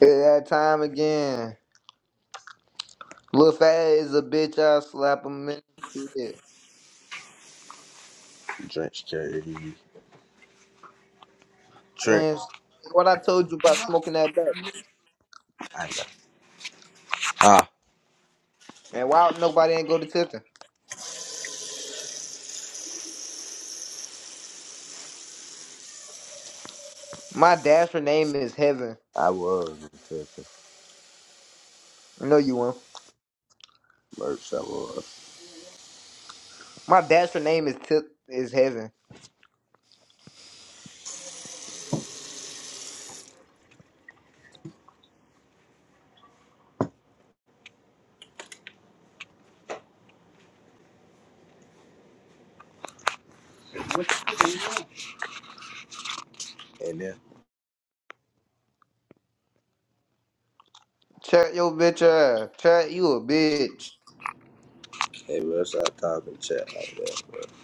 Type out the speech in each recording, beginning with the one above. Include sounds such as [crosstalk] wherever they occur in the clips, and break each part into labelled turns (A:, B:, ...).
A: At that time again. Lil Fat is a bitch, I'll slap him in the shit.
B: Drench K Trent.
A: And what I told you about smoking that belt.
B: I know. Ah.
A: And why nobody ain't go to Tipton? My dasher name is Heaven.
B: I was in Texas.
A: I know you won't.
B: Merch, I was.
A: My dasher name is Tip is Heaven.
B: And then
A: Chat your bitch ass. Chat you a bitch.
B: came up, started talking chat like that, bro.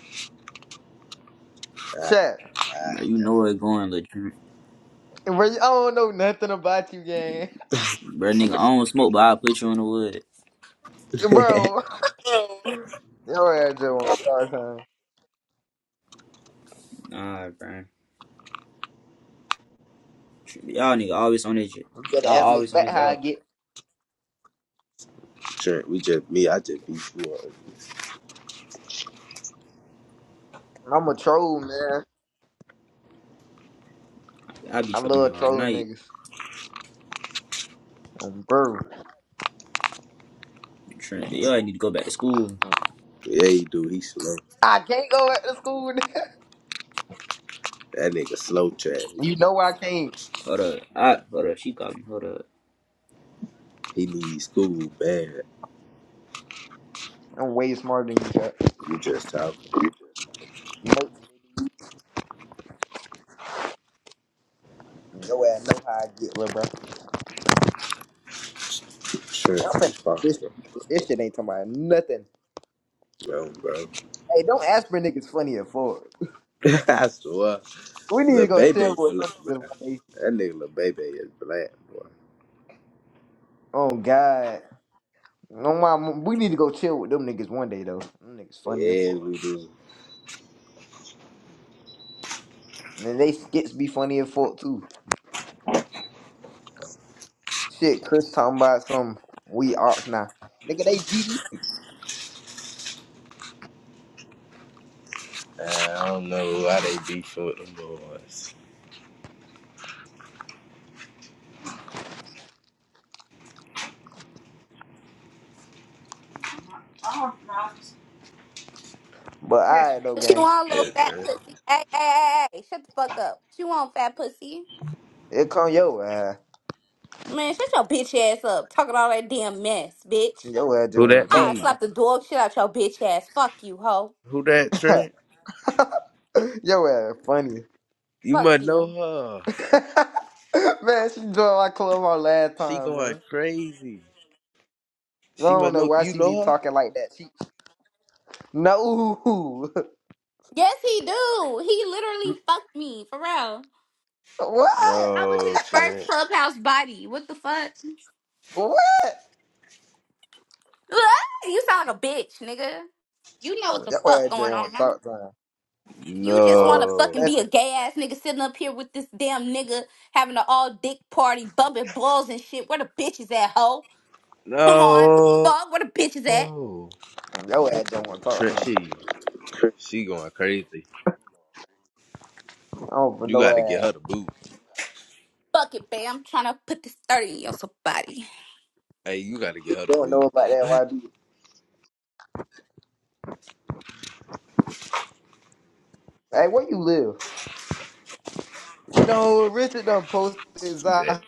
A: Chat.
B: Ah,
C: Bro, you know it going, but
A: Bro, I don't know nothing about you, gang.
C: bro, nigga, I don't smoke, but I'll put you in the wood.
A: [laughs]
B: ah.
A: Bro. Your ass just want to start time.
C: Nah, bro. Y'all nigga always on this shit.
A: You better
C: Y'all
A: ask Lil
C: always on
A: Fat
C: this
A: how I
C: out.
A: get.
B: [laughs] Trent, we just, me, I just be slow.
A: I'm a troll, man.
C: I be
A: I
C: trolling
A: love
C: all
A: trolling
C: night.
A: niggas. i am bro.
C: Trent, Y'all need to go back to school.
B: Yeah, he do. He slow.
A: I can't go back to school.
B: That nigga slow chat.
A: [laughs] you know I can't.
C: Hold up. I, hold up. She called me. Hold up.
B: He, he needs school bad.
A: I'm way smarter than you, Chuck.
B: You just talking.
A: Merch, nigga. Yo ass know how I get, little bro.
B: Trent,
A: I'm finna end
B: he's fucking.
A: This, shit, nigga. this shit ain't talking about nothing.
B: No, bro.
A: Hey, don't ask for niggas funny or forward.
B: [laughs] I swear.
A: We need
B: Lil
A: to go
B: Baby,
A: chill with them
B: bla- bro.
A: niggas one day.
B: That nigga Lil Baby is black, boy.
A: Oh God, no, my, we need to go chill with them niggas one day though. Them niggas funny or
B: Yeah,
A: forward.
B: we do.
A: And then they skits be funny as fuck too. Shit, Chris talking about some we arts now. Nigga, they GD.
B: Man, I don't know why they beefing with them boys.
A: But alright though,
D: She
A: gang.
D: want little
B: Yeah,
D: fat
B: man.
D: pussy. Hey, hey, hey, hey, hey, shut the fuck up. She want fat pussy.
A: It come yo ass.
D: Man, shut your bitch ass up. Talking all that damn mess, bitch.
A: Yo ass just
B: Who
A: wanna
B: that
D: I
A: talk.
B: be?
D: slap the dog shit out your bitch ass. Fuck you, hoe.
B: Who that
A: [laughs]
B: Trent?
A: Yo ass funny.
B: You
D: Fuck
B: must know
D: you.
B: her.
A: [laughs] Man, she joined my club on last
B: She
A: time,
B: going
A: bro.
B: crazy.
A: I
B: She
A: don't
B: must
A: know
B: know
A: why
B: you
A: she be
B: know her?
A: talking like that. She no. [laughs]
D: Yes, he do. He literally fucked me, for real.
A: What?
D: I was
B: No,
D: his first
B: Trent.
D: clubhouse body. What the fuck? [laughs]
A: What?
D: Ah, You sound like a bitch, nigga. You know what the
A: Yo
D: fuck
A: ass just
D: going
A: won't
D: on.
A: talk to her.
D: You
A: I
D: just want
A: don't
D: to
A: know
D: fucking
B: No.
D: be a
A: nothing.
D: gay ass nigga sitting up here with this damn nigga having an all dick party, bumping balls and shit. Where the bitch is at, hoe? Come on. What the
B: No.
D: fuck? Where the bitch is at?
A: Yo ass just won't talk to
B: Trent
A: her.
B: she she going crazy.
A: I don't know
B: You
A: no
B: gotta get her
A: ass.
B: the boot.
D: Fuck it, babe. I'm trying to put this 30 on somebody.
B: Hey, you gotta get her
A: You
B: the
A: don't
B: boot.
A: know about that YB. Hey, where you live? No, Richard done posted
B: She said.
A: Zai.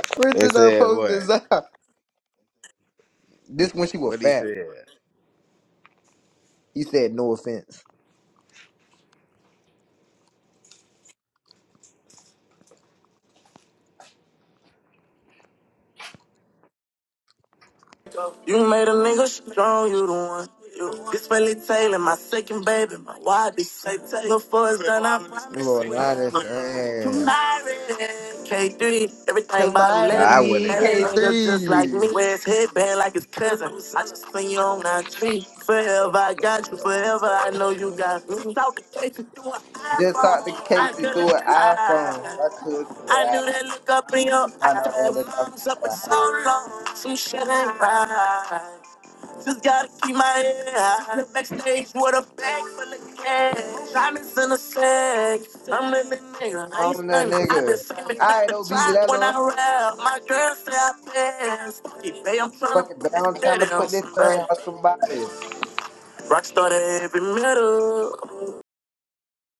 A: [laughs]
B: It
A: Richard done
B: said
A: posted
B: what?
A: Zai. [laughs] This when she was
B: What he
A: fat.
B: said.
A: He said no offense.
D: You made a nigga strong, you the one. this Billy Taylor, my second baby, my wife, bitch, say Before it's done, I promise
A: Lil
D: we'll have a
A: Linus
D: fun.
A: and
D: Kamari, K3, everything bottom
B: But I
D: 11. Man,
B: wouldn't
A: Commodity
B: have got
D: that
B: my
D: nigga just
B: hat.
D: like me.
A: K3.
D: Wear his headband like his cousin. I just seen you on that tree. Forever I got you, forever I know you got me. Talk to k through an
A: Just
D: iPhone,
A: talked to
D: I
A: Casey through
D: couldn't
A: an iPhone.
D: cry.
A: I could
D: I
A: cry.
D: knew that look up in your
A: I know that
D: eyes.
A: look I'm
D: Mom's up for
A: fly.
D: so long, some shit ain't right. Just gotta keep my head high. The backstage with a bag full of cash. Diamonds in a sack. I'm in the nigga, I ain't
A: on that
D: spending. i been
A: nigga.
D: saving back
A: Alright
D: the
A: though, Beezy,
D: track
A: that
D: when I
A: little
D: rap. My girl say I pass. Hey, babe, I'm trying to
A: fucking
D: put this
A: bound trying to
D: dirty on
A: put this shirt
D: somebody.
A: on somebody.
D: Rockstar to every middle.